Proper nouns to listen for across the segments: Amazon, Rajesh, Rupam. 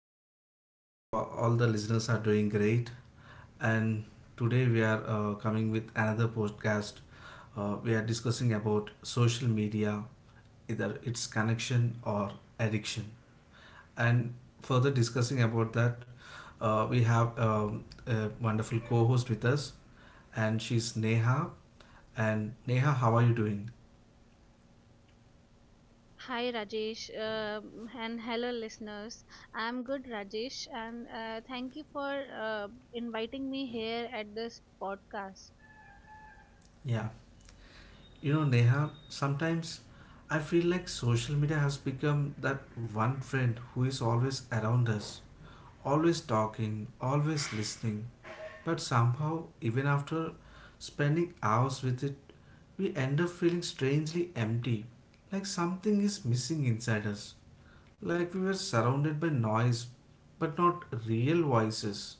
I hope all of you, all the listeners are doing great. And today we are coming with another podcast. We are discussing about social media, either its connection or addiction. And further discussing about that, we have a wonderful co-host with us, and she's Neha. And Neha, how are you doing? Hi Rajesh and hello listeners. I'm good Rajesh and thank you for inviting me here at this podcast. Yeah. You know, Neha, sometimes I feel like social media has become that one friend who is always around us, always talking, always listening. But somehow, even after spending hours with it, we end up feeling strangely empty, like something is missing inside us, like we were surrounded by noise but not real voices,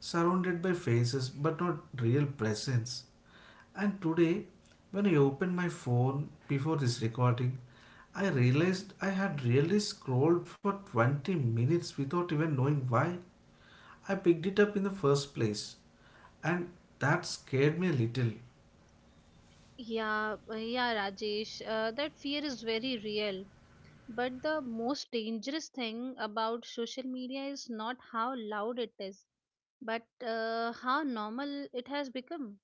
surrounded by faces but not real presence. And today, when I opened my phone before this recording, I realized I had really scrolled for 20 minutes without even knowing why I picked it up in the first place. And that scared me a little. Yeah, Rajesh, that fear is very real. But the most dangerous thing about social media is not how loud it is, but how normal it has become.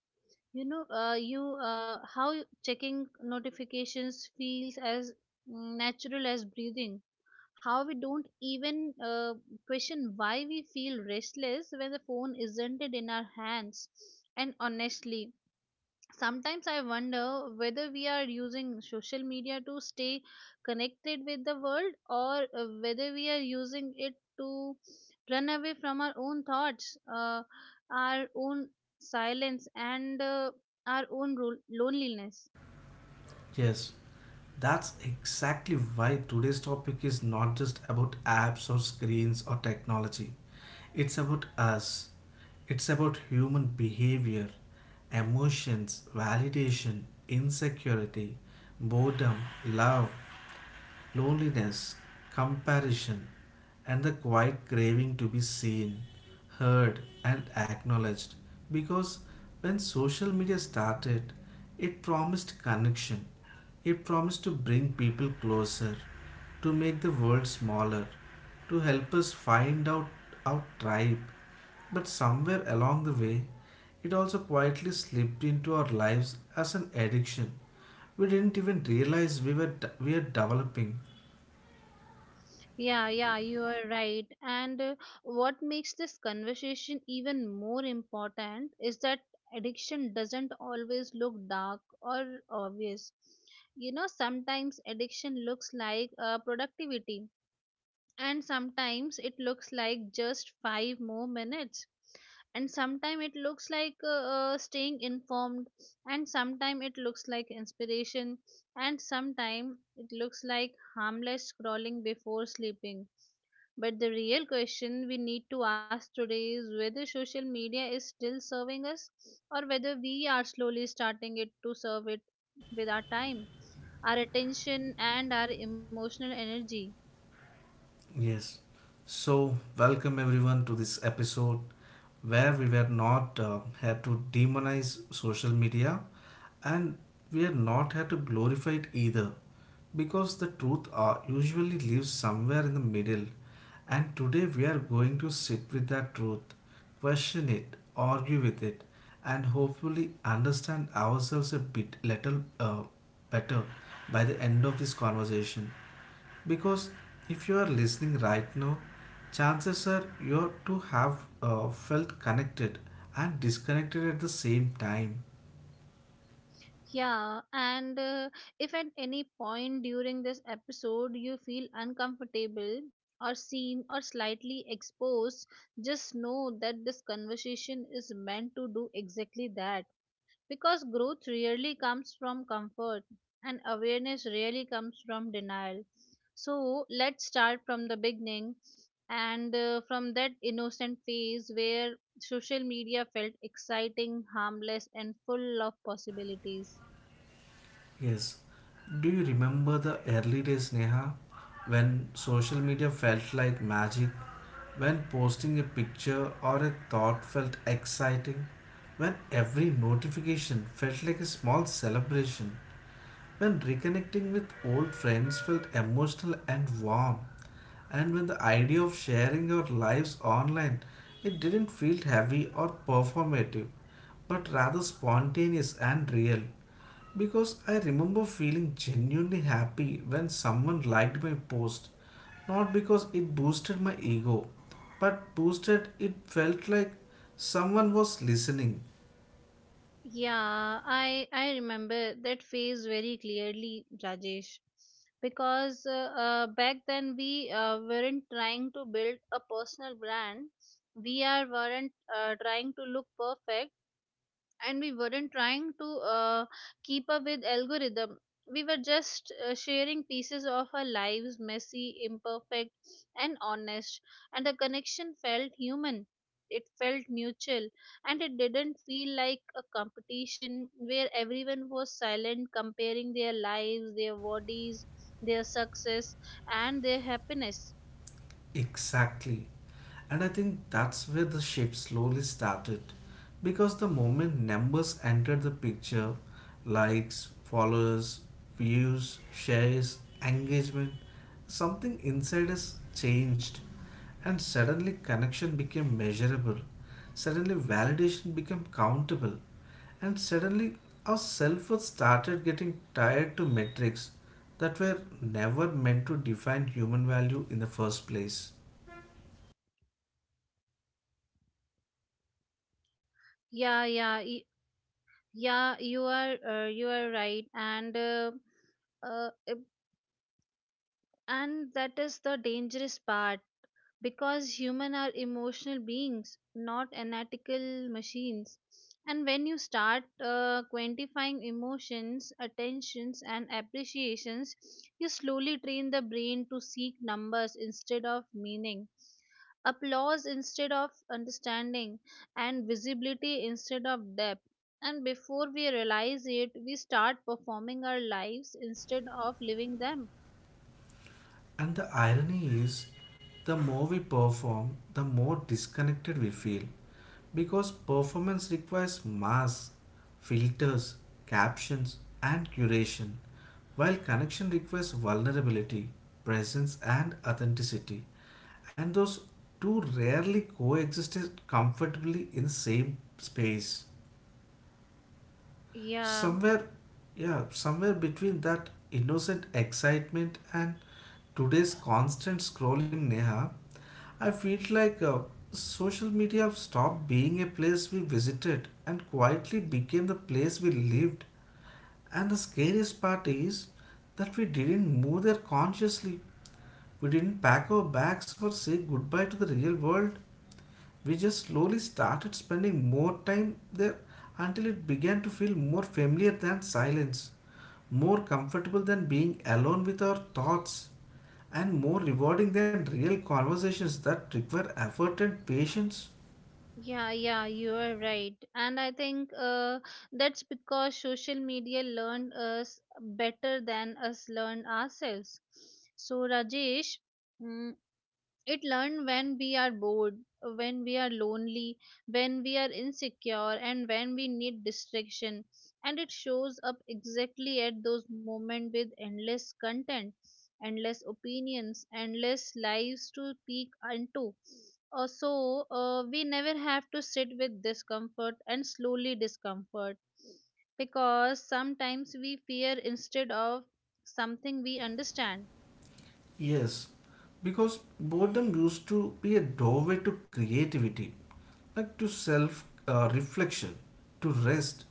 You know, you how checking notifications feels as natural as breathing, how we don't even question why we feel restless when the phone isn't it in our hands. And honestly, sometimes I wonder whether we are using social media to stay connected with the world, or whether we are using it to run away from our own thoughts, our own silence, and our own loneliness. Yes, that's exactly why today's topic is not just about apps or screens or technology. It's about us. It's about human behavior, emotions, validation, insecurity, boredom, love, loneliness, comparison, and the quiet craving to be seen, heard, and acknowledged. Because when social media started, it promised connection, it promised to bring people closer, to make the world smaller, to help us find out our tribe. But somewhere along the way, it also quietly slipped into our lives as an addiction. We didn't even realize we were we are developing. Yeah, yeah, you are right. And what makes this conversation even more important is that addiction doesn't always look dark or obvious. You know, sometimes addiction looks like productivity, and sometimes it looks like just five more minutes. And sometimes it looks like staying informed, and sometimes it looks like inspiration, and sometimes it looks like harmless scrolling before sleeping. But the real question we need to ask today is whether social media is still serving us, or whether we are slowly starting it to serve it with our time, our attention, and our emotional energy. Yes. So, welcome everyone to this episode where we were not here to demonize social media and we are not here to glorify it either because the truth usually lives somewhere in the middle. And today we are going to sit with that truth, question it, argue with it, and hopefully understand ourselves a bit little better by the end of this conversation. Because if you are listening right now, chances are you're to have felt connected and disconnected at the same time. Yeah, and if at any point during this episode you feel uncomfortable or seen or slightly exposed, just know that this conversation is meant to do exactly that, because growth rarely comes from comfort and awareness rarely comes from denial. So let's start from the beginning, and from that innocent phase where social media felt exciting, harmless, and full of possibilities. Yes, do you remember the early days, Neha, when social media felt like magic, when posting a picture or a thought felt exciting, when every notification felt like a small celebration, when reconnecting with old friends felt emotional and warm. And when the idea of sharing our lives online, it didn't feel heavy or performative, but rather spontaneous and real. Because I remember feeling genuinely happy when someone liked my post, not because it boosted my ego, but boosted it felt like someone was listening. Yeah, I remember that phase very clearly, Rajesh, because back then we weren't trying to build a personal brand. We are weren't trying to look perfect, and we weren't trying to keep up with algorithm. We were just sharing pieces of our lives, messy, imperfect, and honest. And the connection felt human, it felt mutual, and it didn't feel like a competition where everyone was silent comparing their lives, their bodies, their success, and their happiness. Exactly. And I think that's where the shift slowly started. Because the moment numbers entered the picture, likes, followers, views, shares, engagement, something inside us changed. And suddenly connection became measurable. Suddenly validation became countable. And suddenly our self worth started getting tied to metrics that were never meant to define human value in the first place. Yeah yeah y- yeah you are right. And uh, uh, And that is the dangerous part, because humans are emotional beings, not analytical machines. And when you start quantifying emotions, attentions, and appreciations, you slowly train the brain to seek numbers instead of meaning, applause instead of understanding, and visibility instead of depth. And before we realize it, we start performing our lives instead of living them. And the irony is, the more we perform, the more disconnected we feel. Because performance requires masks, filters, captions, and curation, while connection requires vulnerability, presence, and authenticity. And those two rarely coexist comfortably in same space. Yeah, Somewhere, yeah, somewhere between that innocent excitement and today's constant scrolling, Neha, I feel like social media stopped being a place we visited and quietly became the place we lived. And the scariest part is that we didn't move there consciously. We didn't pack our bags or say goodbye to the real world. We just slowly started spending more time there until it began to feel more familiar than silence, more comfortable than being alone with our thoughts, and more rewarding than real conversations that require effort and patience. yeah, you are right. And I think that's because social media learned us better than us learn ourselves. So, Rajesh, mm, it learned when we are bored, when we are lonely, when we are insecure, and when we need distraction. And it shows up exactly at those moments with endless content, endless opinions, endless lives to peek into. So we never have to sit with discomfort, and slowly discomfort because sometimes we fear instead of something we understand. Yes, because boredom used to be a doorway to creativity, like to self reflection, to rest.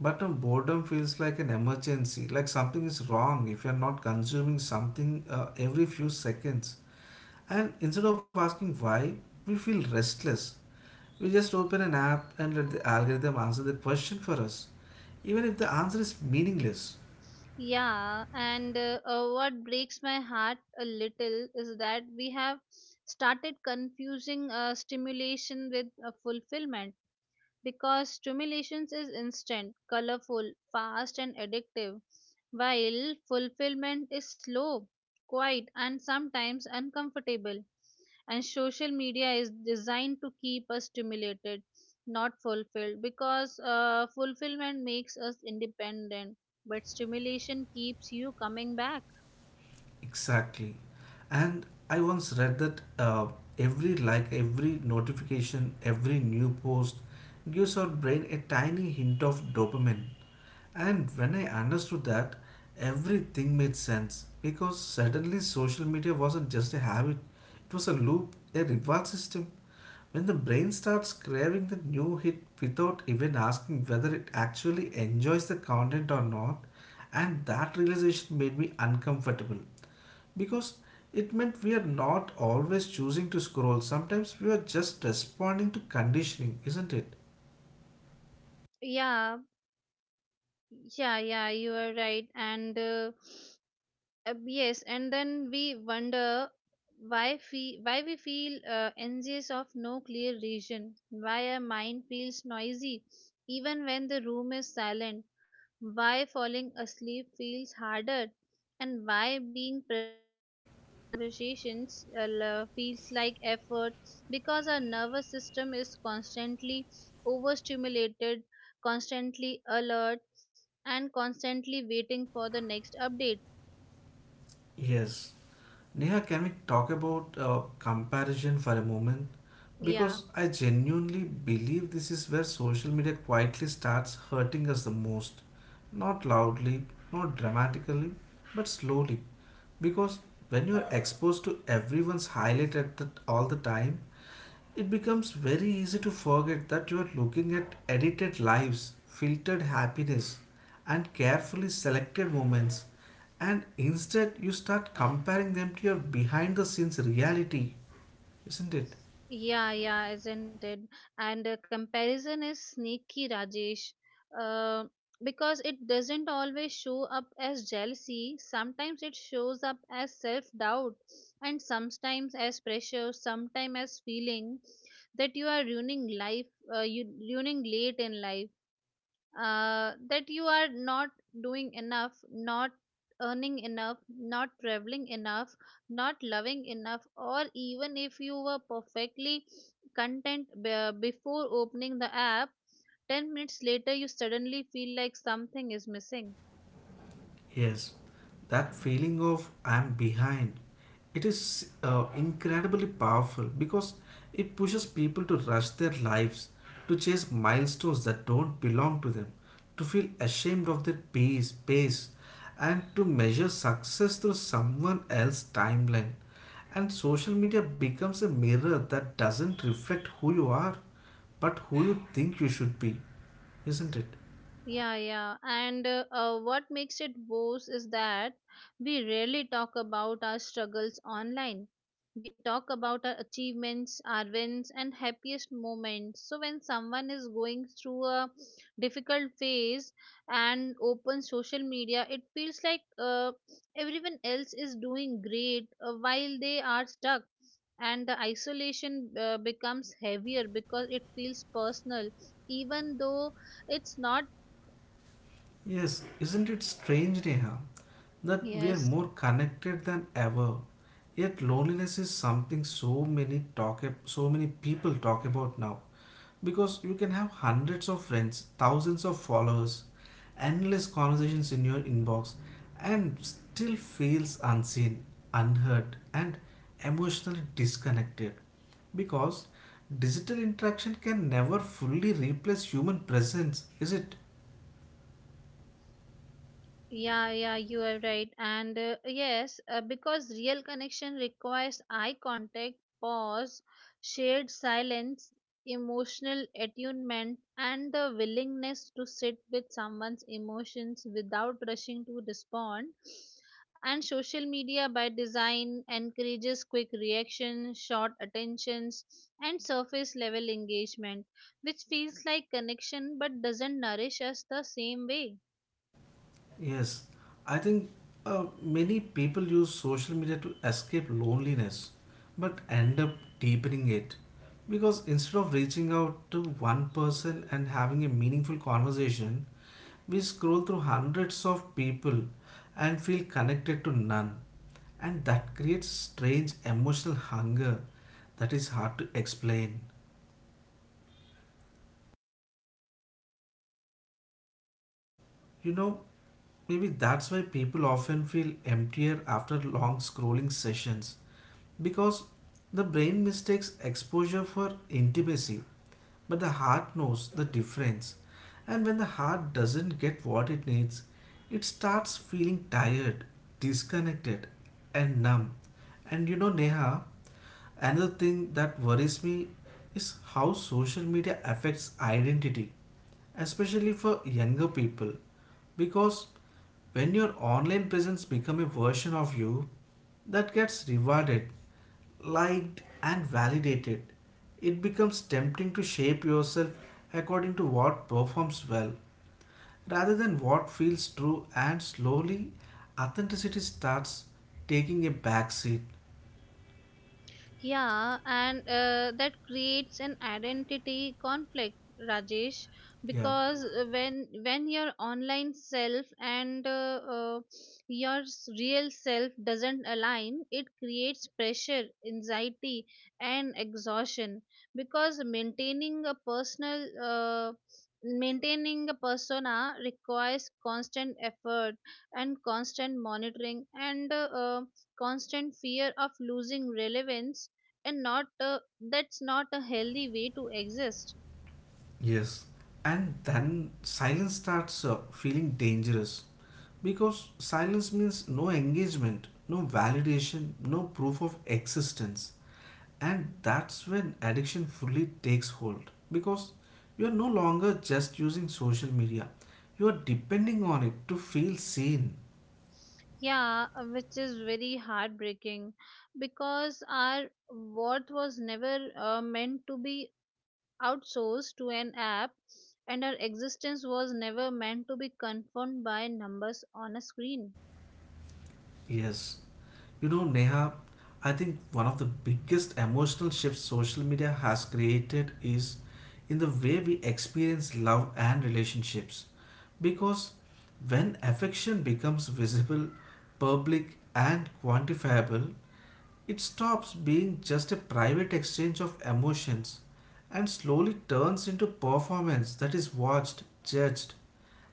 But now boredom feels like an emergency, like something is wrong if you're not consuming something every few seconds. And instead of asking why, we feel restless. We just open an app and let the algorithm answer the question for us, even if the answer is meaningless. Yeah, and what breaks my heart a little is that we have started confusing stimulation with fulfillment, because stimulation is instant, colorful, fast, and addictive, while fulfillment is slow, quiet, and sometimes uncomfortable. And social media is designed to keep us stimulated, not fulfilled, because fulfillment makes us independent, but stimulation keeps you coming back. Exactly. And I once read that every like, every notification, every new post gives our brain a tiny hint of dopamine. And when I understood that, everything made sense because suddenly social media wasn't just a habit, it was a loop, a reward system. When the brain starts craving the new hit without even asking whether it actually enjoys the content or not, and that realization made me uncomfortable because it meant we are not always choosing to scroll. Sometimes we are just responding to conditioning, isn't it? Yeah, yeah, you are right. And yes, and then we wonder why we feel anxious of no clear reason, why our mind feels noisy even when the room is silent, why falling asleep feels harder, and why being present in real conversations feels like effort, because our nervous system is constantly overstimulated, constantly alert, and constantly waiting for the next update. Yes. Neha, can we talk about comparison for a moment? Yeah. Because I genuinely believe this is where social media quietly starts hurting us the most. Not loudly, not dramatically, but slowly. Because when you are exposed to everyone's highlight at the, all the time, it becomes very easy to forget that you are looking at edited lives, filtered happiness, and carefully selected moments, and instead you start comparing them to your behind the scenes reality, isn't it? Yeah, yeah, isn't it? And comparison is sneaky, Rajesh, uh, because it doesn't always show up as jealousy. Sometimes it shows up as self doubt, and sometimes as pressure, sometimes as feeling that you are ruining life, you ruining late in life, that you are not doing enough, not earning enough, not traveling enough, not loving enough, or even if you were perfectly content before opening the app, 10 minutes later you suddenly feel like something is missing. Yes, that feeling of I'm behind, it is incredibly powerful because it pushes people to rush their lives, to chase milestones that don't belong to them, to feel ashamed of their pace, and to measure success through someone else's timeline. And social media becomes a mirror that doesn't reflect who you are, but who you think you should be, isn't it? Yeah, yeah. And what makes it worse is that we rarely talk about our struggles online. We talk about our achievements, our wins, and happiest moments. So, when someone is going through a difficult phase and opens social media, it feels like everyone else is doing great while they are stuck. And the isolation becomes heavier because it feels personal, even though it's not. Yes, isn't it strange, Neha, that we are Yes, more connected than ever? Yet loneliness is something so many people talk about now. Because you can have hundreds of friends, thousands of followers, endless conversations in your inbox, and still feels unseen, unheard, and emotionally disconnected. Because digital interaction can never fully replace human presence, is it? yeah, yeah, you are right. And yes, because real connection requires eye contact, pause, shared silence, emotional attunement, and the willingness to sit with someone's emotions without rushing to respond. And social media by design encourages quick reaction, short attentions, and surface level engagement, which feels like connection but doesn't nourish us the same way. Yes, I think many people use social media to escape loneliness but end up deepening it because instead of reaching out to one person and having a meaningful conversation, we scroll through hundreds of people and feel connected to none, and that creates strange emotional hunger that is hard to explain. You know, maybe that's why people often feel emptier after long scrolling sessions because the brain mistakes exposure for intimacy, but the heart knows the difference. And when the heart doesn't get what it needs, it starts feeling tired, disconnected, and numb. And you know, Neha, another thing that worries me is how social media affects identity, especially for younger people. Because when your online presence becomes a version of you that gets rewarded, liked and validated, it becomes tempting to shape yourself according to what performs well rather than what feels true, and slowly authenticity starts taking a back seat. Yeah, and that creates an identity conflict, Rajesh, Yeah. because when your online self and your real self doesn't align, it creates pressure, anxiety, and exhaustion. Because maintaining a persona requires constant effort and constant monitoring and constant fear of losing relevance, and not that's not a healthy way to exist. Yes. And then silence starts feeling dangerous because silence means no engagement, no validation, no proof of existence. And that's when addiction fully takes hold because you are no longer just using social media, you are depending on it to feel seen. Yeah, which is very heartbreaking because our worth was never meant to be outsourced to an app, and our existence was never meant to be confirmed by numbers on a screen. Yes, you know, Neha, I think one of the biggest emotional shifts social media has created is in the way we experience love and relationships. Because when affection becomes visible, public, and quantifiable, it stops being just a private exchange of emotions and slowly turns into performance that is watched, judged,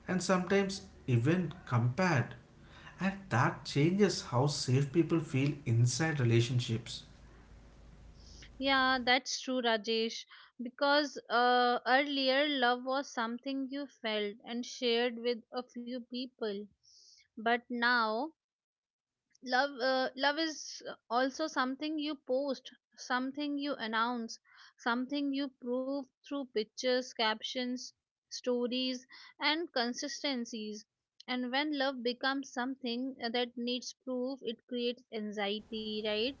and sometimes even compared. And that changes how safe people feel inside relationships. Yeah, that's true, Rajesh. Because earlier, love was something you felt and shared with a few people. But now, love is also something you post, something you announce, something you prove through pictures, captions, stories, and consistencies. And when love becomes something that needs proof, it creates anxiety, right?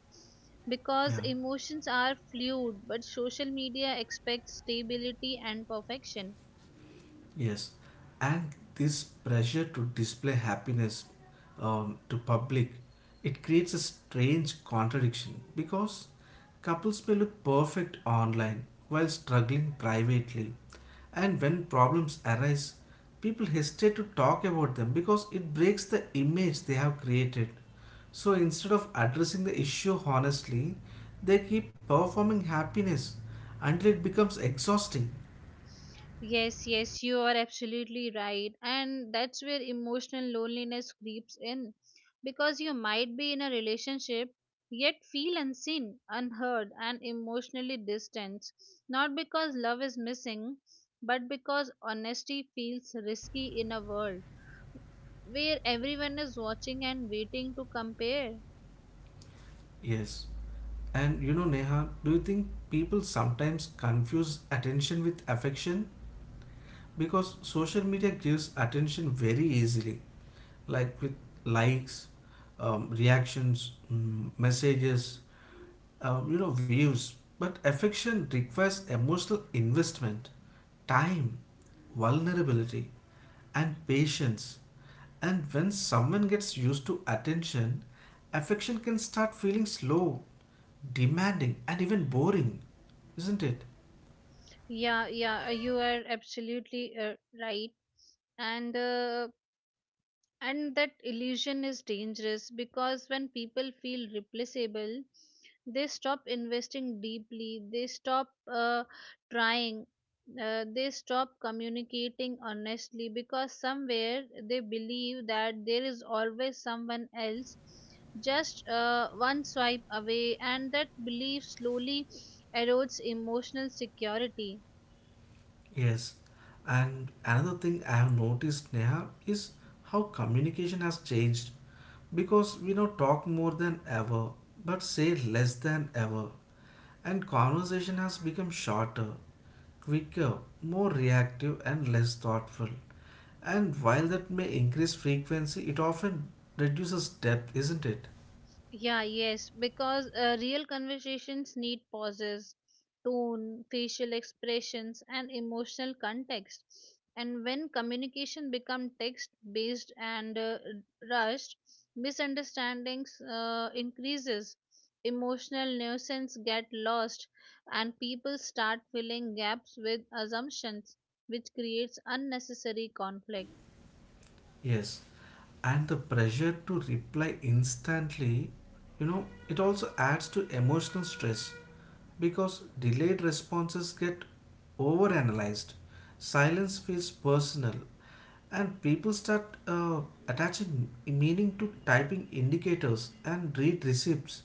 Because Yeah, emotions are fluid, but social media expects stability and perfection. yes. And this pressure to display happiness, to public, it creates a strange contradiction because couples may look perfect online while struggling privately. And when problems arise, people hesitate to talk about them because it breaks the image they have created. So instead of addressing the issue honestly, they keep performing happiness until it becomes exhausting. Yes, yes, you are absolutely right. And that's where emotional loneliness creeps in, because you might be in a relationship yet feel unseen, unheard, and emotionally distant. Not because love is missing, but because honesty feels risky in a world where everyone is watching and waiting to compare. Yes. And you know, Neha, do you think people sometimes confuse attention with affection? Because social media gives attention very easily, like with likes, reactions, messages, you know views, but affection requires emotional investment, time, vulnerability, and patience. And when someone gets used to attention, affection can start feeling slow, demanding, and even boring, isn't it? Yeah, yeah, you are absolutely right. And uh, And that illusion is dangerous because when people feel replaceable, they stop investing deeply, they stop trying, they stop communicating honestly because somewhere they believe that there is always someone else just one swipe away, and that belief slowly erodes emotional security. Yes, and another thing I have noticed, Neha, is how communication has changed, because we now talk more than ever but say less than ever, and conversation has become shorter, quicker, more reactive, and less thoughtful. And while that may increase frequency, it often reduces depth, isn't it? Yeah, yes, because real conversations need pauses, tone, facial expressions, and emotional context. And when communication becomes text based and rushed, misunderstandings increases, emotional nuisance get lost, and people start filling gaps with assumptions, which creates unnecessary conflict. Yes. And the pressure to reply instantly, you know, it also adds to emotional stress because delayed responses get overanalyzed. Silence feels personal, and people start attaching meaning to typing indicators and read receipts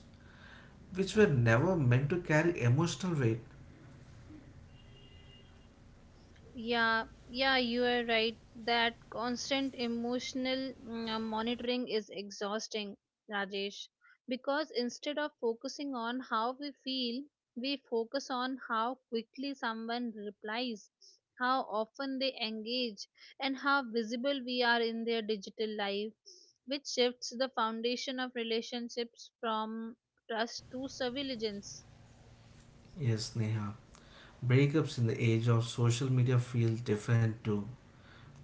which were never meant to carry emotional weight. Yeah, yeah, you are right. That constant emotional monitoring is exhausting, Rajesh, because instead of focusing on how we feel, we focus on how quickly someone replies, how often they engage, and how visible we are in their digital life, which shifts the foundation of relationships from trust to surveillance. Yes, Neha, breakups in the age of social media feel different too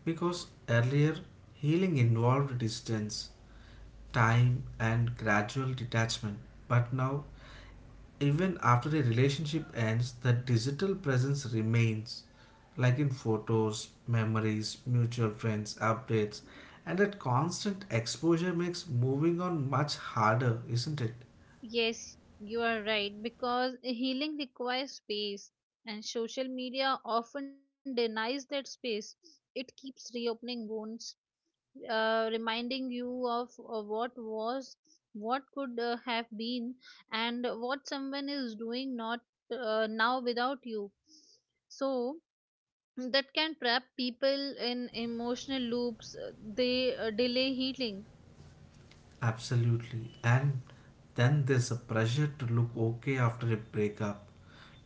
because earlier healing involved distance, time, and gradual detachment. But now, even after a relationship ends, the digital presence remains, like in photos, memories, mutual friends, updates, and that constant exposure makes moving on much harder, isn't it? Yes, you are right, because healing requires space, and social media often denies that space. It keeps reopening wounds, reminding you of what was, what could have been, and what someone is doing not now without you. So that can trap people in emotional loops. They delay healing. Absolutely. And then there's a pressure to look okay after a breakup,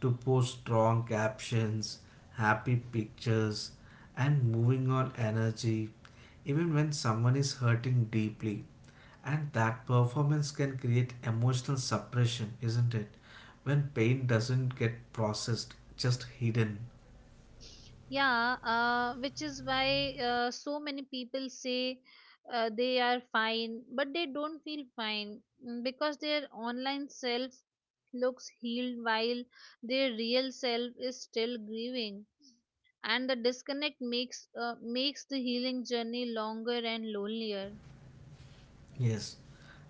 to post strong captions, happy pictures, and moving on energy, even when someone is hurting deeply. And that performance can create emotional suppression, isn't it? When pain doesn't get processed, just hidden. Yeah, which is why so many people say they are fine, but they don't feel fine, because their online self looks healed while their real self is still grieving, and the disconnect makes the healing journey longer and lonelier. Yes.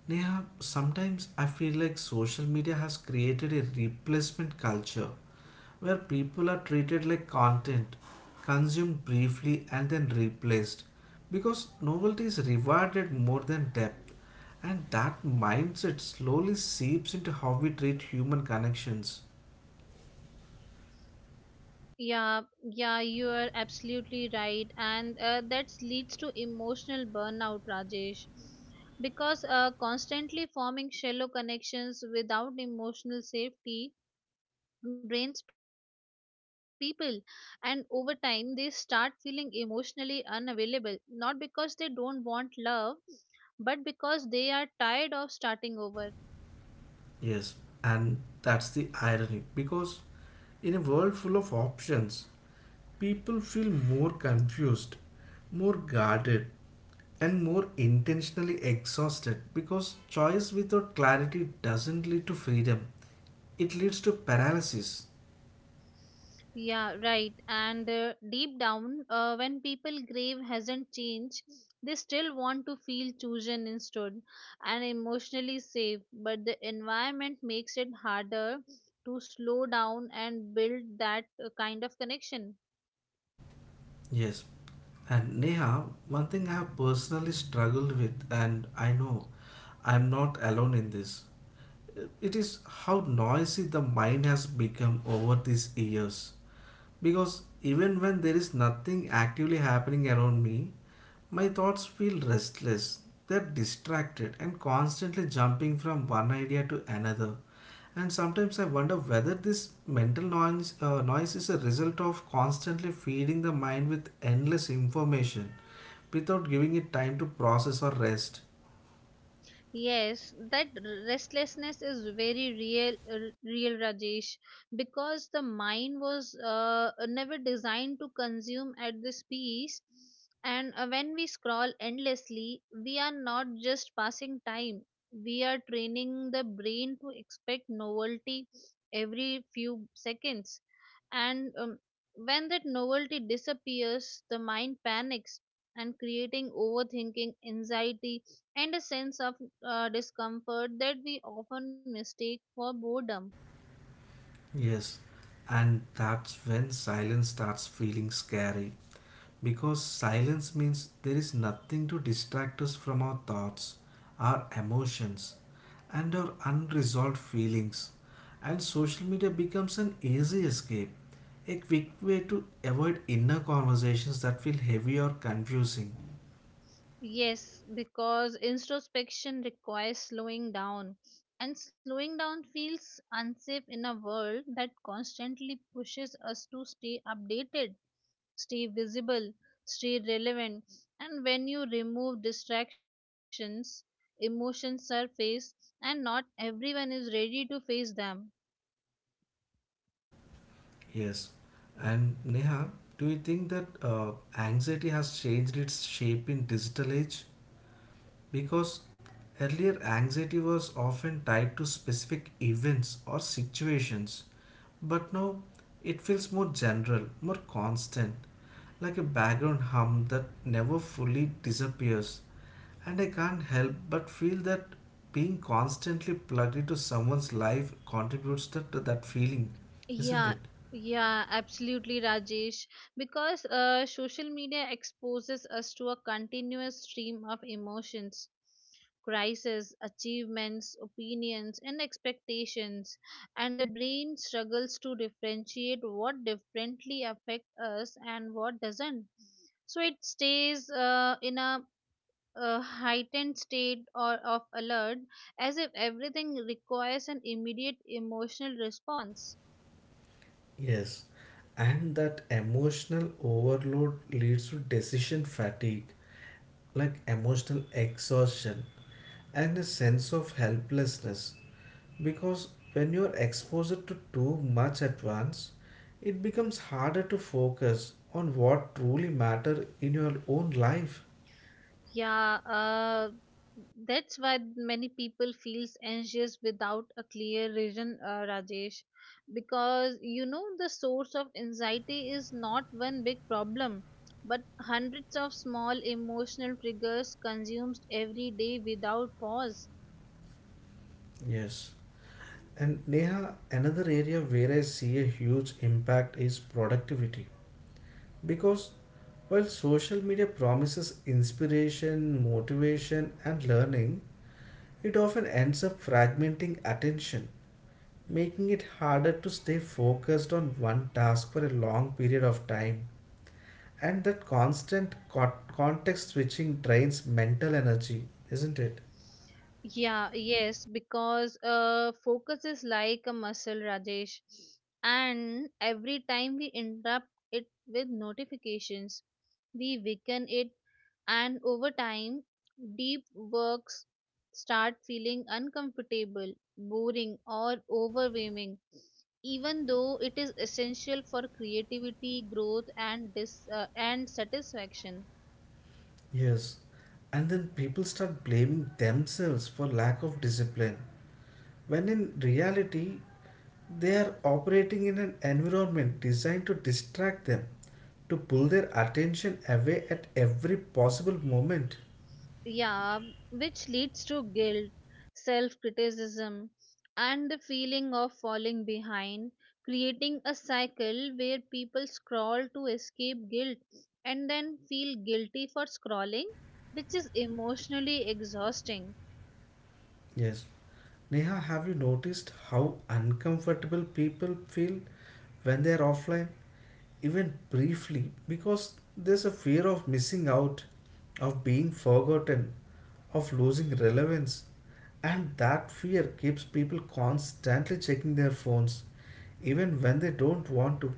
Neha, sometimes I feel like social media has created a replacement culture where people are treated like content, consumed briefly and then replaced, because novelty is rewarded more than depth, and that mindset slowly seeps into how we treat human connections. Yeah, yeah, you are absolutely right, and that leads to emotional burnout, Rajesh, because constantly forming shallow connections without emotional safety drains people, and over time they start feeling emotionally unavailable, not because they don't want love, but because they are tired of starting over. Yes, and that's the irony, because in a world full of options, people feel more confused, more guarded, and more intentionally exhausted because choice without clarity doesn't lead to freedom. It leads to paralysis. Yeah, right. And deep down, when people grave hasn't changed, they still want to feel chosen instead and emotionally safe. But the environment makes it harder to slow down and build that kind of connection. Yes. And Neha, one thing I have personally struggled with, and I know I'm not alone in this, it is how noisy the mind has become over these years. Because even when there is nothing actively happening around me, my thoughts feel restless. They're distracted and constantly jumping from one idea to another. And sometimes I wonder whether this mental noise is a result of constantly feeding the mind with endless information without giving it time to process or rest. Yes, that restlessness is very real, real Rajesh, because the mind was never designed to consume at this pace. And when we scroll endlessly, we are not just passing time, we are training the brain to expect novelty every few seconds. And when that novelty disappears, the mind panics and creating overthinking, anxiety, and a sense of discomfort that we often mistake for boredom. Yes, and that's when silence starts feeling scary. Because silence means there is nothing to distract us from our thoughts, our emotions, and our unresolved feelings. And social media becomes an easy escape, a quick way to avoid inner conversations that feel heavy or confusing. Yes, because introspection requires slowing down, and slowing down feels unsafe in a world that constantly pushes us to stay updated, stay visible, stay relevant. And when you remove distractions, emotions surface, and not everyone is ready to face them. Yes. And Neha, do you think that anxiety has changed its shape in digital age? Because earlier anxiety was often tied to specific events or situations, but now it feels more general, more constant, like a background hum that never fully disappears. And I can't help but feel that being constantly plugged into someone's life contributes to that feeling, isn't Yeah, it? yeah, absolutely, Rajesh. Because social media exposes us to a continuous stream of emotions, crises, achievements, opinions, and expectations, and the brain struggles to differentiate what differently affect us and what doesn't. So it stays in a heightened state or of alert, as if everything requires an immediate emotional response. Yes. And that emotional overload leads to decision fatigue, like emotional exhaustion and a sense of helplessness. Because when you're exposed to too much at once, it becomes harder to focus on what truly matter in your own life. Yeah, that's why many people feels anxious without a clear reason, Rajesh, because you know the source of anxiety is not one big problem, but hundreds of small emotional triggers consumed every day without pause. Yes. And Neha, another area where I see a huge impact is productivity. Because while social media promises inspiration, motivation, and learning, it often ends up fragmenting attention, making it harder to stay focused on one task for a long period of time. And that constant context switching drains mental energy, isn't it? Yeah, yes, because focus is like a muscle, Rajesh. And every time we interrupt it with notifications, we weaken it, and over time, deep works start feeling uncomfortable, boring, or overwhelming, even though it is essential for creativity, growth, and and satisfaction. Yes. And then people start blaming themselves for lack of discipline, when in reality, they are operating in an environment designed to distract them, to pull their attention away at every possible moment. Yeah, which leads to guilt, self criticism, and the feeling of falling behind, creating a cycle where people scroll to escape guilt and then feel guilty for scrolling, which is emotionally exhausting. Yes. Neha, have you noticed how uncomfortable people feel when they are offline, even briefly, because there's a fear of missing out, of being forgotten, of losing relevance? And that fear keeps people constantly checking their phones, even when they don't want to.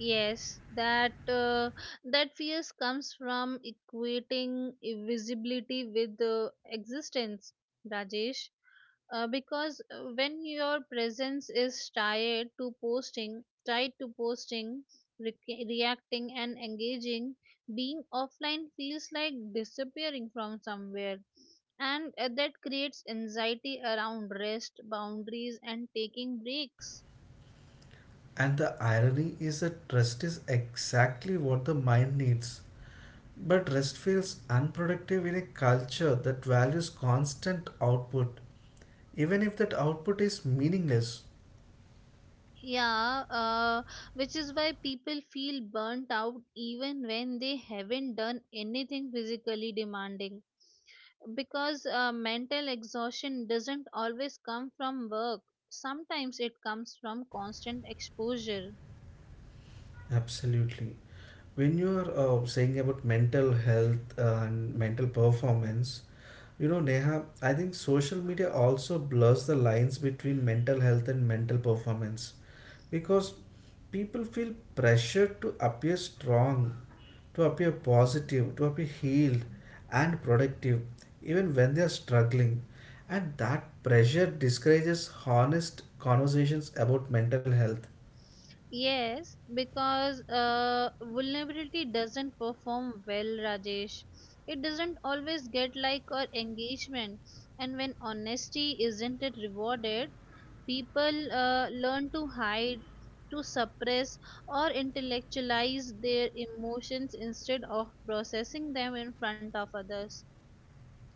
Yes, that fears comes from equating visibility with existence, Rajesh. Because when your presence is tied to posting, reacting and engaging, being offline feels like disappearing from somewhere, and that creates anxiety around rest, boundaries, and taking breaks. And the irony is that rest is exactly what the mind needs. But rest feels unproductive in a culture that values constant output, even if that output is meaningless. Yeah, which is why people feel burnt out even when they haven't done anything physically demanding, because mental exhaustion doesn't always come from work. Sometimes it comes from constant exposure. Absolutely. When you are saying about mental health and mental performance, you know, Neha, I think social media also blurs the lines between mental health and mental performance because people feel pressured to appear strong, to appear positive, to appear healed and productive, even when they are struggling. And that pressure discourages honest conversations about mental health. Yes, because vulnerability doesn't perform well, Rajesh. It doesn't always get like or engagement, and when honesty isn't it rewarded, people learn to hide, to suppress, or intellectualize their emotions instead of processing them in front of others.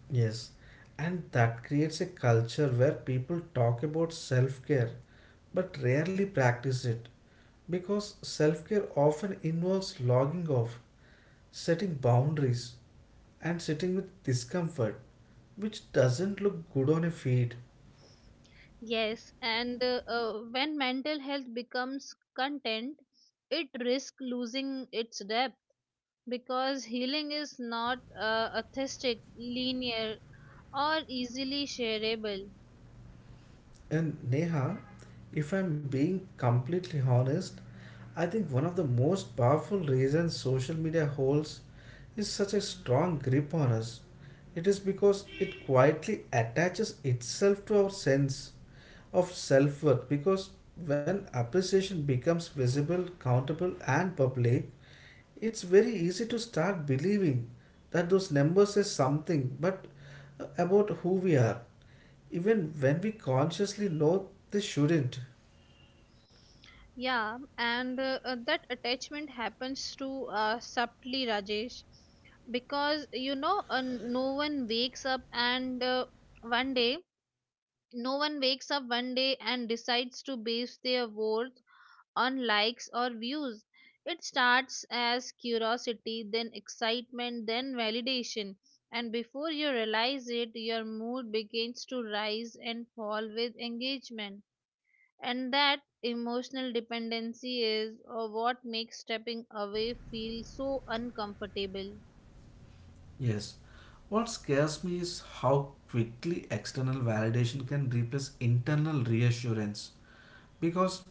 Yes, and that creates a culture where people talk about self care but rarely practice it because self care often involves logging off, setting boundaries, and sitting with discomfort, which doesn't look good on a feed. Yes, and when mental health becomes content, it risks losing its depth, because healing is not atheistic, linear, or easily shareable. And Neha, if I'm being completely honest, I think one of the most powerful reasons social media holds is such a strong grip on us. It is because it quietly attaches itself to our sense of self worth. Because when appreciation becomes visible, countable, and public, it's very easy to start believing that those numbers say something but about who we are even when we consciously know they shouldn't. Yeah, and that attachment happens to subtly, Rajesh, because no one wakes up and one day, no one wakes up one day and decides to base their worth on likes or views. It starts as curiosity, then excitement, then validation. And before you realize it, your mood begins to rise and fall with engagement. And that emotional dependency is what makes stepping away feel so uncomfortable. Yes. What scares me is how quickly external validation can replace internal reassurance. Because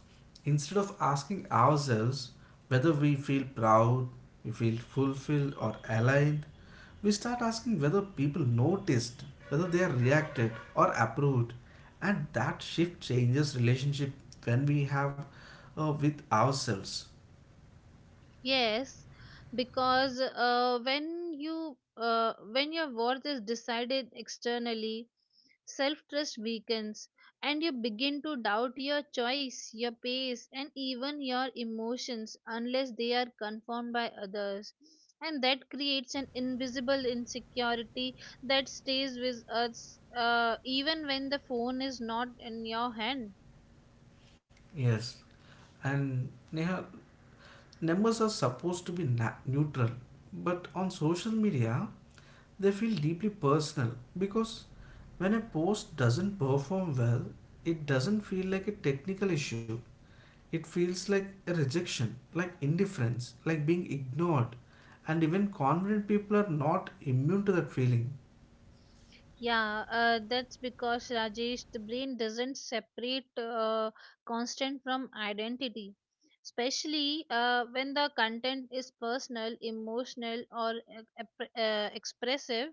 instead of asking ourselves whether we feel proud, we feel fulfilled, or aligned, we start asking whether people noticed, whether they are reacted or approved. And that shift changes relationship when we have with ourselves. Yes, because when your worth is decided externally, self-trust weakens, and you begin to doubt your choice, your pace, and even your emotions unless they are confirmed by others. And that creates an invisible insecurity that stays with us even when the phone is not in your hand. Yes. And Neha, numbers are supposed to be neutral, but on social media, they feel deeply personal because when a post doesn't perform well, it doesn't feel like a technical issue. It feels like a rejection, like indifference, like being ignored. And even confident people are not immune to that feeling. Yeah, that's because, Rajesh, the brain doesn't separate constant from identity, especially when the content is personal, emotional, or expressive.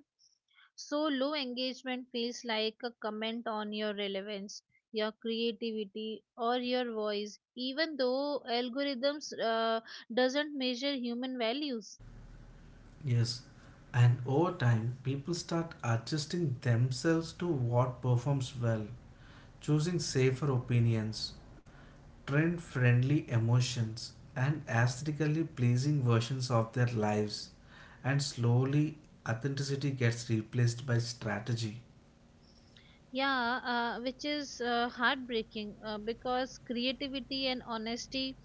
So, low engagement feels like a comment on your relevance, your creativity, or your voice, even though algorithms doesn't measure human values. Yes, and over time, people start adjusting themselves to what performs well, choosing safer opinions, trend friendly emotions and aesthetically pleasing versions of their lives, and slowly authenticity gets replaced by strategy. Yeah, which is heartbreaking, because creativity and honesty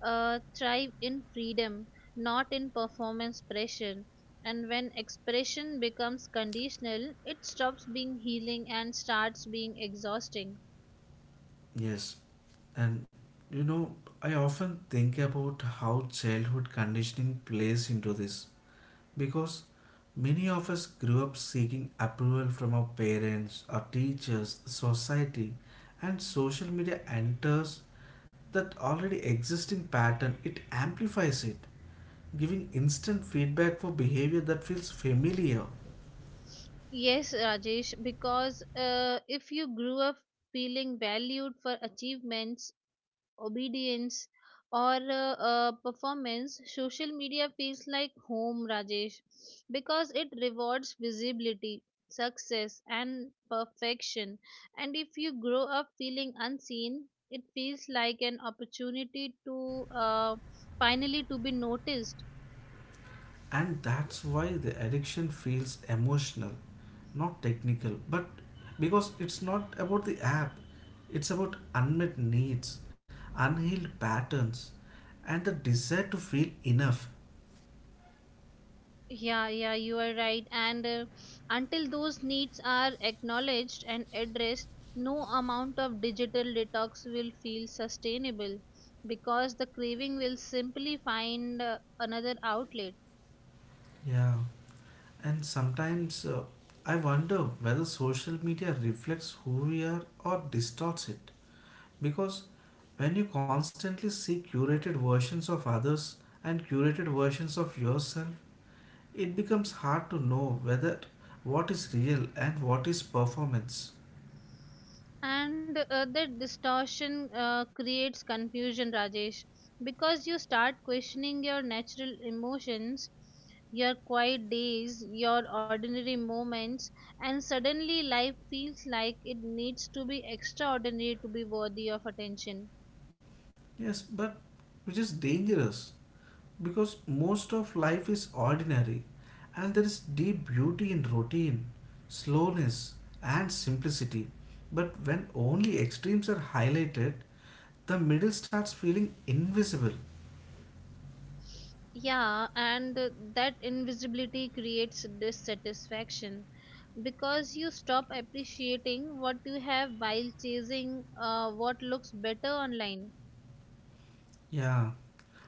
thrive in freedom, not in performance pressure. And when expression becomes conditional, it stops being healing and starts being exhausting. Yes, and you know, I often think about how childhood conditioning plays into this because many of us grew up seeking approval from our parents, our teachers, society, and social media enters that already existing pattern, it amplifies it, giving instant feedback for behavior that feels familiar. Yes, Rajesh, because if you grew up feeling valued for achievements, obedience, or performance, social media feels like home, Rajesh, because it rewards visibility, success, and perfection. And if you grow up feeling unseen, it feels like an opportunity to uh, finally to be noticed. And that's why the addiction feels emotional, not technical. But because it's not about the app, it's about unmet needs, unhealed patterns, and the desire to feel enough. Yeah, yeah, you are right. And until those needs are acknowledged and addressed, no amount of digital detox will feel sustainable, because the craving will simply find another outlet. Yeah, and sometimes I wonder whether social media reflects who we are or distorts it. Because when you constantly see curated versions of others and curated versions of yourself, it becomes hard to know whether what is real and what is performance. And that distortion creates confusion, Rajesh, because you start questioning your natural emotions, your quiet days, your ordinary moments, and suddenly life feels like it needs to be extraordinary to be worthy of attention. Yes, but which is dangerous because most of life is ordinary and there is deep beauty in routine, slowness, and simplicity. But when only extremes are highlighted, the middle starts feeling invisible. Yeah, and that invisibility creates dissatisfaction, because you stop appreciating what you have while chasing what looks better online. Yeah,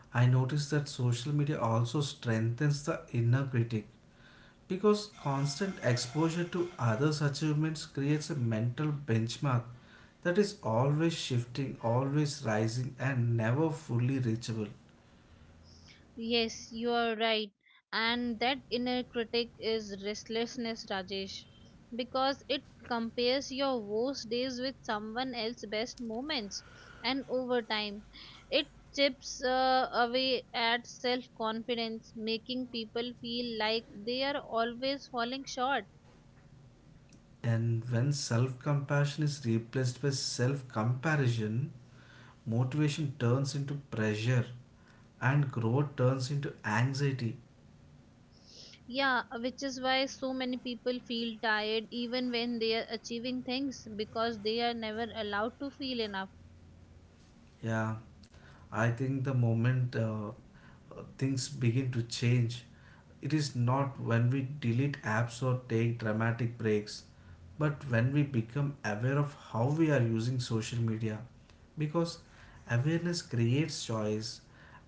I noticed that social media also strengthens the inner critic because constant exposure to others' achievements creates a mental benchmark that is always shifting, always rising, and never fully reachable. Yes, you are right. And that inner critic is restlessness, Rajesh, because it compares your worst days with someone else's best moments. And over time, it chips away at self confidence, making people feel like they are always falling short. And when self compassion is replaced by self comparison, motivation turns into pressure and growth turns into anxiety. Yeah, which is why so many people feel tired even when they are achieving things, because they are never allowed to feel enough. Yeah, I think the moment things begin to change, it is not when we delete apps or take dramatic breaks, but when we become aware of how we are using social media. Because awareness creates choice,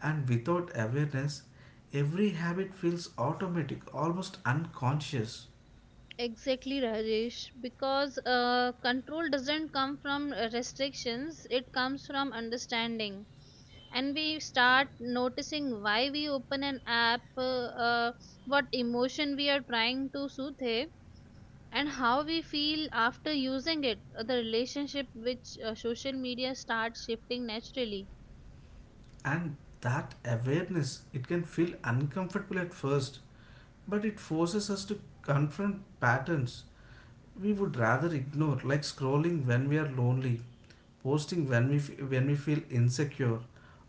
and without awareness, every habit feels automatic, almost unconscious. Exactly, Rajesh, because control doesn't come from restrictions, it comes from understanding. And we start noticing why we open an app, uh, what emotion we are trying to soothe it, and how we feel after using it. The relationship which social media, starts shifting naturally. And that awareness, it can feel uncomfortable at first, but it forces us to confront patterns we would rather ignore, like scrolling when we are lonely, posting when when we feel insecure,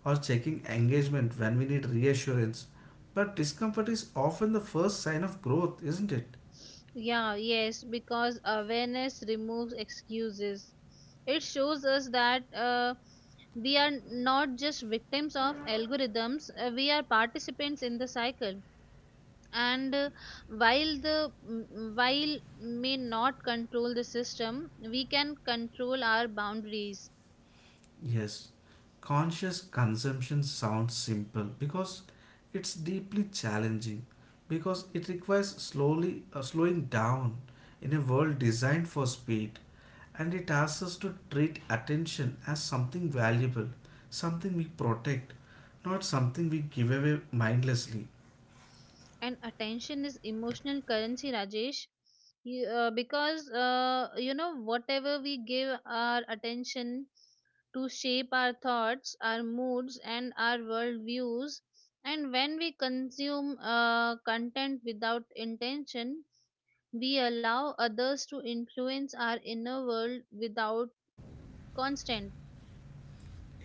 or checking engagement when we need reassurance. But discomfort is often the first sign of growth, isn't it? Yeah, yes, because awareness removes excuses. It shows us that we are not just victims of algorithms, we are participants in the cycle. And while while may not control the system, we can control our boundaries. Yes, conscious consumption sounds simple because it's deeply challenging because it requires slowly slowing down in a world designed for speed, and it asks us to treat attention as something valuable, something we protect, not something we give away mindlessly. And attention is emotional currency, Rajesh. Because whatever we give our attention to shape our thoughts, our moods, and our worldviews. And when we consume content without intention, we allow others to influence our inner world without constant.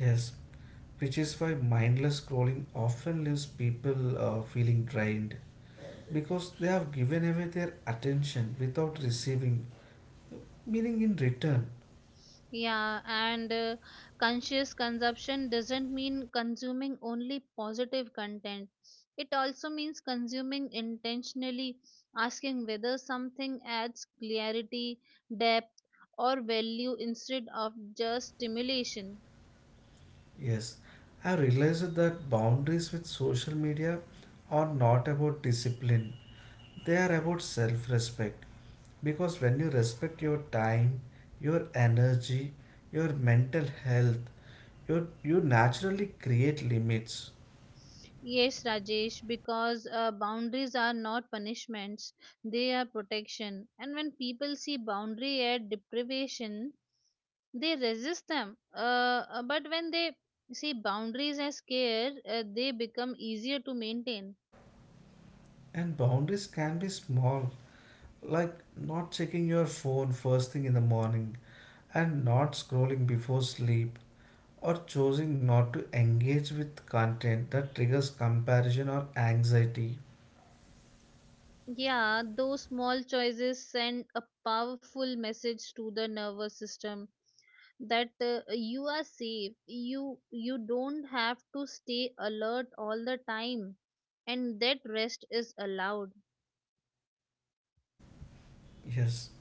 Yes, which is why mindless scrolling often leaves people feeling drained because they have given away their attention without receiving meaning in return. Yeah, and conscious consumption doesn't mean consuming only positive content. It also means consuming intentionally, asking whether something adds clarity, depth, or value instead of just stimulation. Yes, I realized that boundaries with social media are not about discipline, they are about self respect. Because when you respect your time, your energy, your mental health, you naturally create limits. Yes, Rajesh, because boundaries are not punishments, they are protection. And when people see boundary as deprivation, they resist them, but when they see boundaries as care, they become easier to maintain. And boundaries can be small, like not checking your phone first thing in the morning and not scrolling before sleep, or choosing not to engage with content that triggers comparison or anxiety. Yeah, those small choices send a powerful message to the nervous system, that you are safe, you don't have to stay alert all the time, and that rest is allowed. Yes,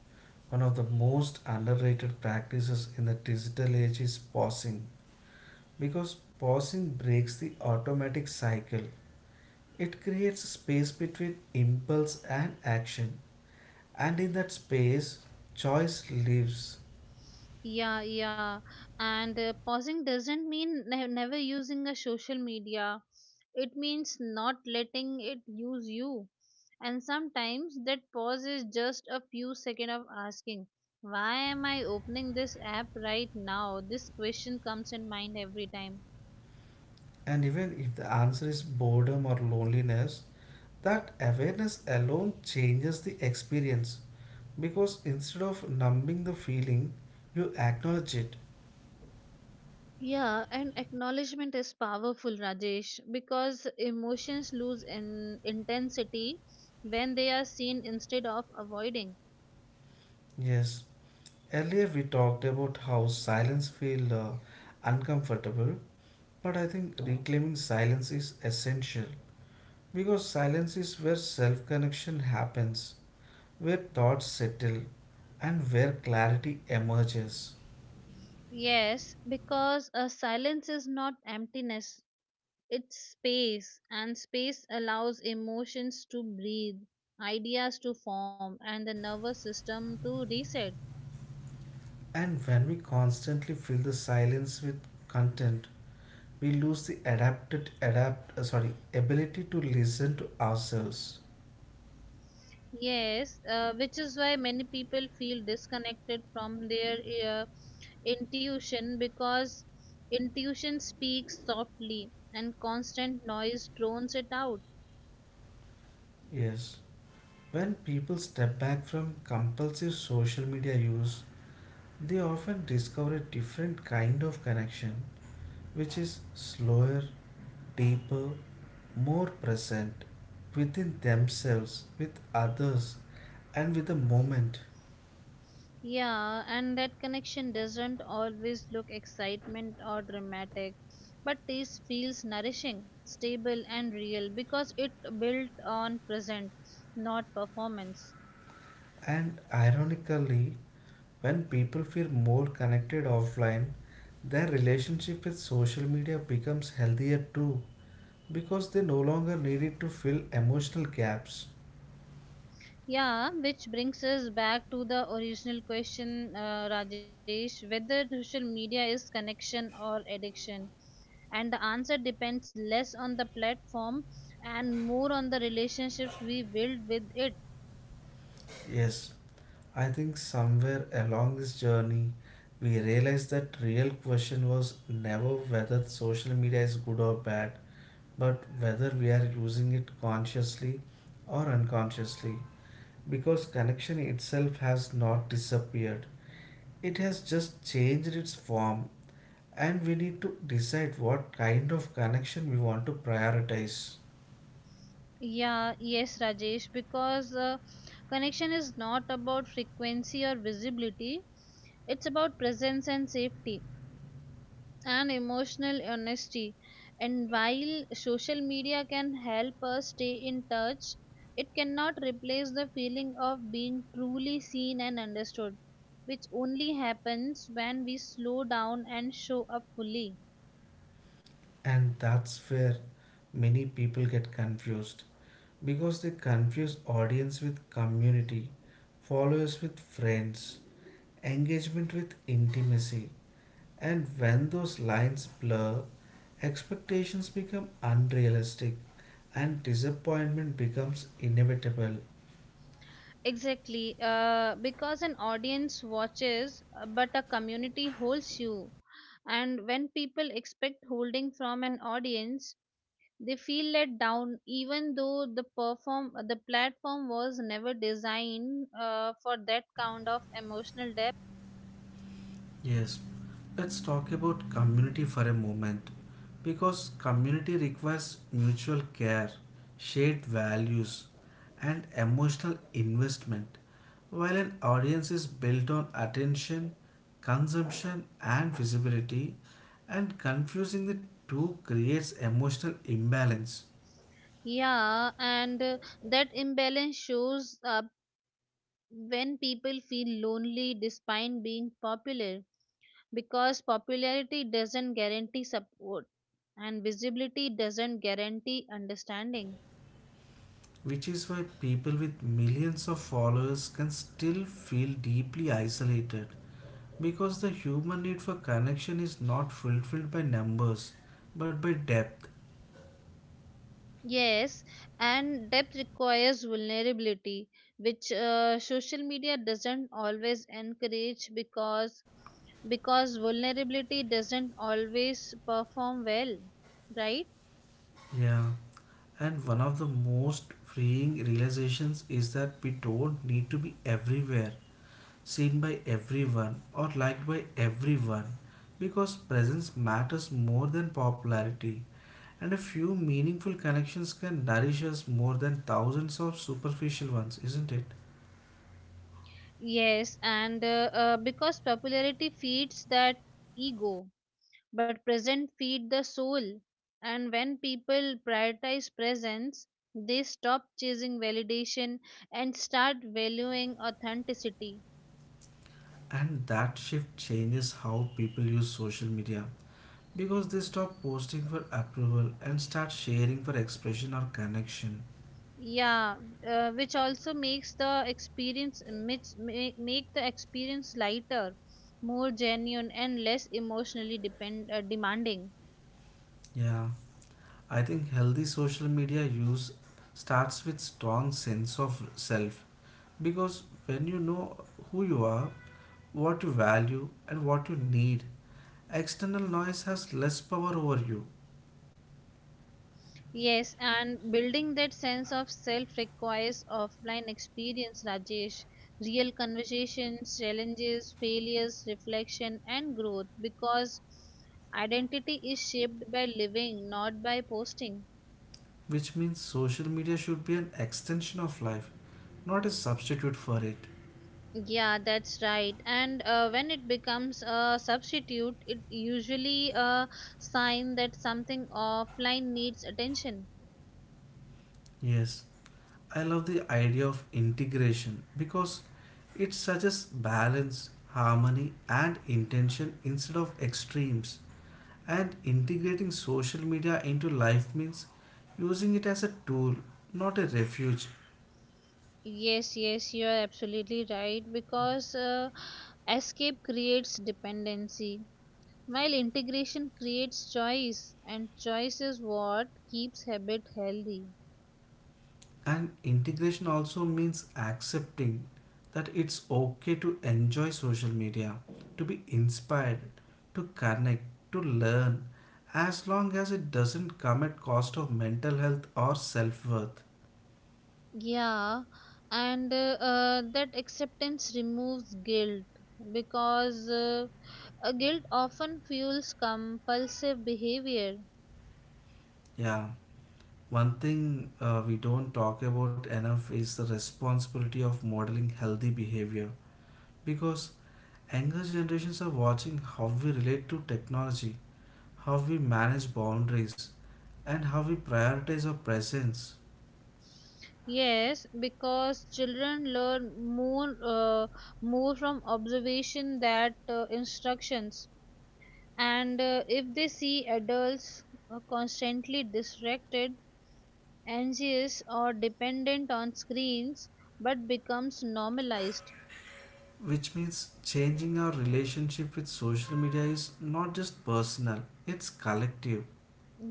one of the most underrated practices in the digital age is pausing because pausing breaks the automatic cycle. It creates space between impulse and action, and in that space, choice lives. Yeah, yeah. And pausing doesn't mean never using a social media. It means not letting it use you. And sometimes that pause is just a few seconds of asking, why am I opening this app right now? This question comes in mind every time. And even if the answer is boredom or loneliness, that awareness alone changes the experience because instead of numbing the feeling, you acknowledge it. Yeah, and acknowledgement is powerful, Rajesh, because emotions lose in intensity when they are seen instead of avoiding. Yes, earlier we talked about how silence feels uncomfortable, but I think reclaiming silence is essential because silence is where self connection happens, where thoughts settle, and where clarity emerges. Yes, because a silence is not emptiness, it's space, and space allows emotions to breathe, ideas to form, and the nervous system to reset. And when we constantly fill the silence with content, we lose the adapted adapt sorry ability to listen to ourselves. Yes, which is why many people feel disconnected from their uh, intuition, because intuition speaks softly and constant noise drowns it out. Yes. When people step back from compulsive social media use, they often discover a different kind of connection, which is slower, deeper, more present within themselves, with others, and with the moment. Yeah, and that connection doesn't always look excitement or dramatic, but this feels nourishing, stable, and real, because it built on present, not performance. And ironically, when people feel more connected offline, their relationship with social media becomes healthier too because they no longer need it to fill emotional gaps. Yeah, which brings us back to the original question, Rajesh, whether social media is connection or addiction. And the answer depends less on the platform and more on the relationships we build with it. Yes, I think somewhere along this journey, we realized that real question was never whether social media is good or bad, but whether we are using it consciously or unconsciously, because connection itself has not disappeared. It has just changed its form and we need to decide what kind of connection we want to prioritize. Yeah, yes, Rajesh, because connection is not about frequency or visibility, it's about presence and safety and emotional honesty. And while social media can help us stay in touch, it cannot replace the feeling of being truly seen and understood, which only happens when we slow down and show up fully. And that's where many people get confused because they confuse audience with community, followers with friends, engagement with intimacy, and when those lines blur, expectations become unrealistic and disappointment becomes inevitable. Exactly, because an audience watches, but a community holds you. And when people expect holding from an audience, they feel let down, even though the platform was never designed for that kind of emotional depth. Yes, let's talk about community for a moment because community requires mutual care, shared values, and emotional investment, while an audience is built on attention, consumption, and visibility, and confusing the two creates emotional imbalance. Yeah, and that imbalance shows up when people feel lonely despite being popular, because popularity doesn't guarantee support, and visibility doesn't guarantee understanding. Which is why people with millions of followers can still feel deeply isolated. Because the human need for connection is not fulfilled by numbers, but by depth. Yes, and depth requires vulnerability, which social media doesn't always encourage, because vulnerability doesn't always perform well, right? Yeah. And one of the most freeing realizations is that we don't need to be everywhere, seen by everyone, or liked by everyone. Because presence matters more than popularity, and a few meaningful connections can nourish us more than thousands of superficial ones, isn't it? Yes, and because popularity feeds that ego, but present feed the soul. And when people prioritize presence, they stop chasing validation and start valuing authenticity. And that shift changes how people use social media. Because they stop posting for approval and start sharing for expression or connection. Yeah, which also makes the experience makes, make, make the experience lighter, more genuine, and less emotionally depend demanding. Yeah, I think healthy social media use starts with strong sense of self, because when you know who you are, what you value and what you need, external noise has less power over you, Yes, and building that sense of self requires offline experience, Rajesh. Real conversations, challenges, failures, reflection, and growth, because identity is shaped by living, not by posting. which means social media should be an extension of life, not a substitute for it. Yeah, that's right. And when it becomes a substitute, it usually a sign that something offline needs attention. Yes, I love the idea of integration because it suggests balance, harmony, and intention instead of extremes. And integrating social media into life means using it as a tool, not a refuge. Yes, yes, you are absolutely right, because escape creates dependency, while integration creates choice, and choice is what keeps habit healthy. And integration also means accepting that it's okay to enjoy social media, to be inspired, to connect, to learn, as long as it doesn't come at cost of mental health or self-worth. Yeah, and that acceptance removes guilt, because guilt often fuels compulsive behavior. Yeah, one thing we don't talk about enough is the responsibility of modeling healthy behavior, because younger generations are watching how we relate to technology, how we manage boundaries, and how we prioritize our presence. Yes, because children learn more from observation that instructions, and if they see adults constantly distracted, anxious, or dependent on screens, but becomes normalized. Which means changing our relationship with social media is not just personal, it's collective.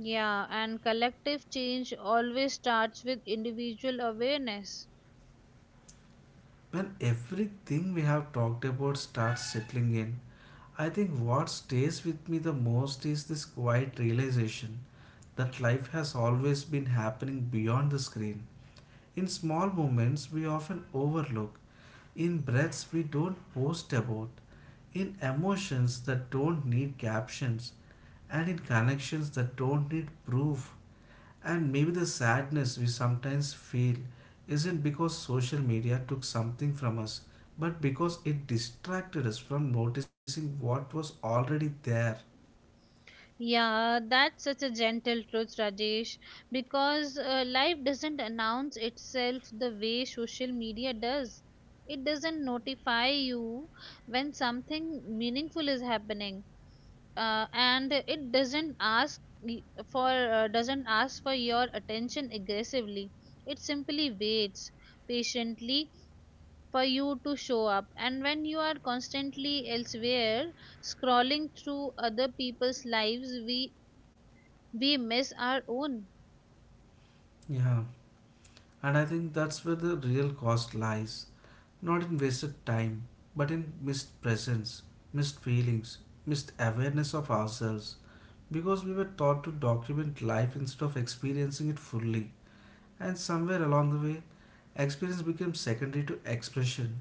Yeah, and collective change always starts with individual awareness. When everything we have talked about starts settling in, I think what stays with me the most is this quiet realization that life has always been happening beyond the screen. In small moments we often overlook, in breaths we don't post about, in emotions that don't need captions, and in connections that don't need proof. And maybe the sadness we sometimes feel isn't because social media took something from us, but because it distracted us from noticing what was already there. Yeah, that's such a gentle truth, Rajesh, because life doesn't announce itself the way social media does. It doesn't notify you when something meaningful is happening. And it doesn't ask for your attention aggressively. It simply waits patiently for you to show up. And when you are constantly elsewhere, scrolling through other people's lives, we miss our own. Yeah, and I think that's where the real cost lies. Not in wasted time, but in missed presence, missed feelings, missed awareness of ourselves. Because we were taught to document life instead of experiencing it fully. And somewhere along the way, experience became secondary to expression.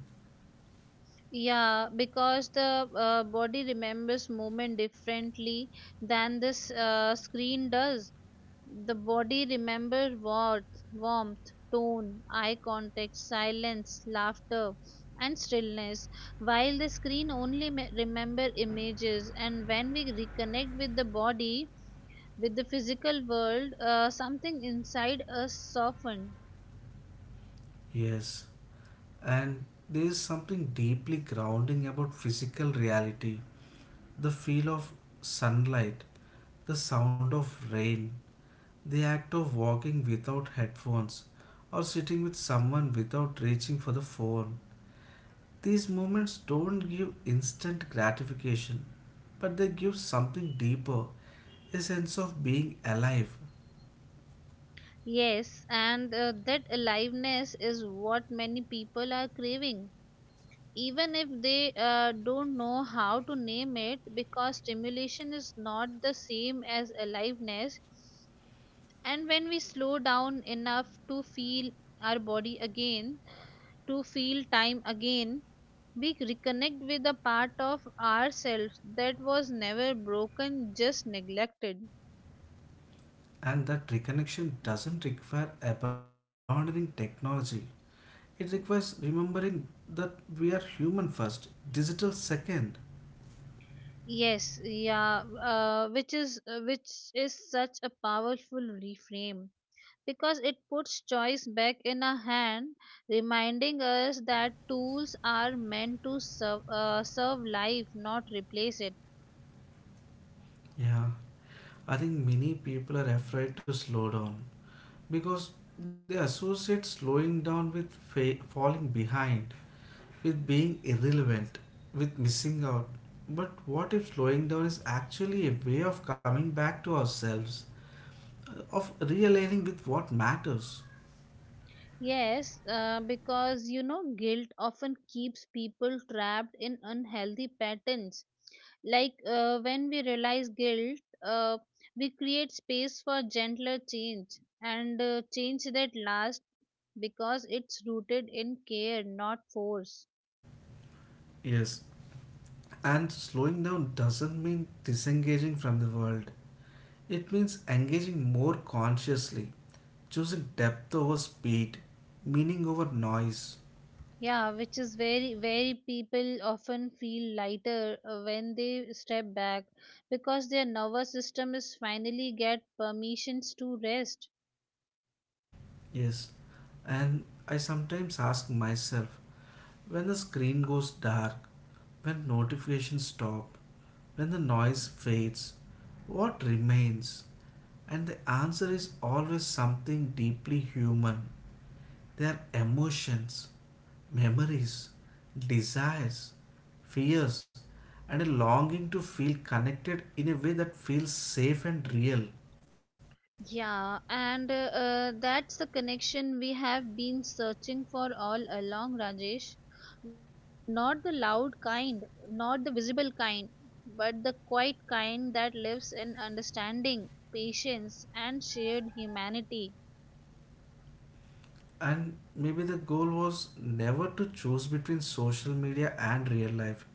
Yeah, because the body remembers moment differently than this screen does. The body remembers warmth, tone, eye contact, silence, laughter, and stillness, while the screen only remember images. And when we reconnect with the body, with the physical world, something inside us soften. Yes, and there is something deeply grounding about physical reality. The feel of sunlight, the sound of rain, the act of walking without headphones, or sitting with someone without reaching for the phone. These moments don't give instant gratification, but they give something deeper, a sense of being alive. Yes, and that aliveness is what many people are craving, even if they don't know how to name it, because stimulation is not the same as aliveness. And when we slow down enough to feel our body again, to feel time again, we reconnect with a part of ourselves that was never broken, just neglected. And that reconnection doesn't require abandoning technology. It requires remembering that we are human first, digital second. Yes, yeah, which is such a powerful reframe, because it puts choice back in a hand, reminding us that tools are meant to serve life, not replace it. Yeah, I think many people are afraid to slow down because they associate slowing down with falling behind, with being irrelevant, with missing out. But what if slowing down is actually a way of coming back to ourselves, of realigning with what matters? Yes, because guilt often keeps people trapped in unhealthy patterns. Like when we realize guilt, uh, we create space for gentler change, and change that lasts because it's rooted in care, not force. Yes, and slowing down doesn't mean disengaging from the world. It means engaging more consciously, choosing depth over speed, meaning over noise. Yeah, which is very, very people often feel lighter when they step back, because their nervous system is finally get permissions to rest. Yes, and I sometimes ask myself, when the screen goes dark, when notifications stop, when the noise fades, what remains? And the answer is always something deeply human. They are emotions, memories, desires, fears, and a longing to feel connected in a way that feels safe and real. Yeah, and that's the connection we have been searching for all along, Rajesh. Not the loud kind, not the visible kind, but the quiet kind that lives in understanding, patience, and shared humanity. And maybe the goal was never to choose between social media and real life,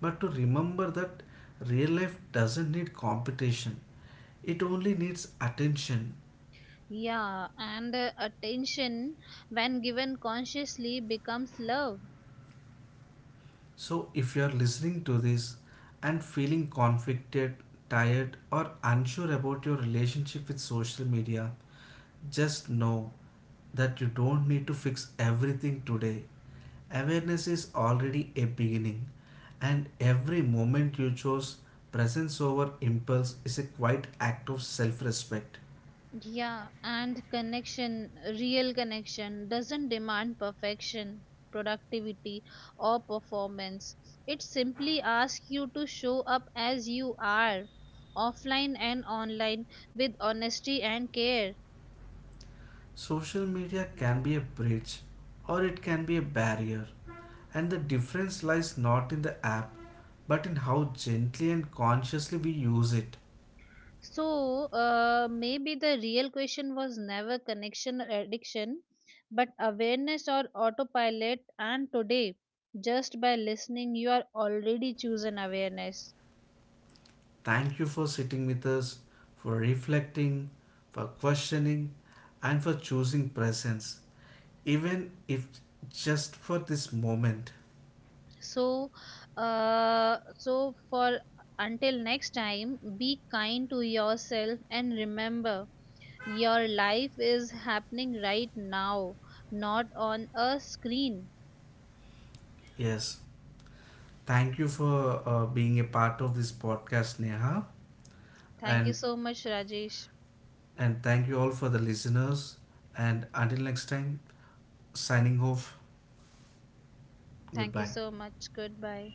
but to remember that real life doesn't need competition, it only needs attention. Yeah, and attention, when given consciously, becomes love. So, if you are listening to this and feeling conflicted, tired, or unsure about your relationship with social media, just know that you don't need to fix everything today. Awareness is already a beginning, and every moment you chose presence over impulse is a quiet act of self respect. Yeah, and connection, real connection, doesn't demand perfection, productivity, or performance. It simply asks you to show up as you are, offline and online, with honesty and care. Social media can be a bridge or it can be a barrier, and the difference lies not in the app but in how gently and consciously we use it. So, maybe the real question was never connection or addiction, but awareness or autopilot. And today, just by listening, you are already chosen awareness. Thank you for sitting with us, for reflecting, for questioning, and for choosing presence, even if just for this moment. So, so for until next time, be kind to yourself and remember, your life is happening right now, not on a screen. Yes, thank you for being a part of this podcast, Neha, Thank you and so much, Rajesh. and thank you all for the listeners. And until next time, signing off. Thank you Goodbye. so much. Goodbye.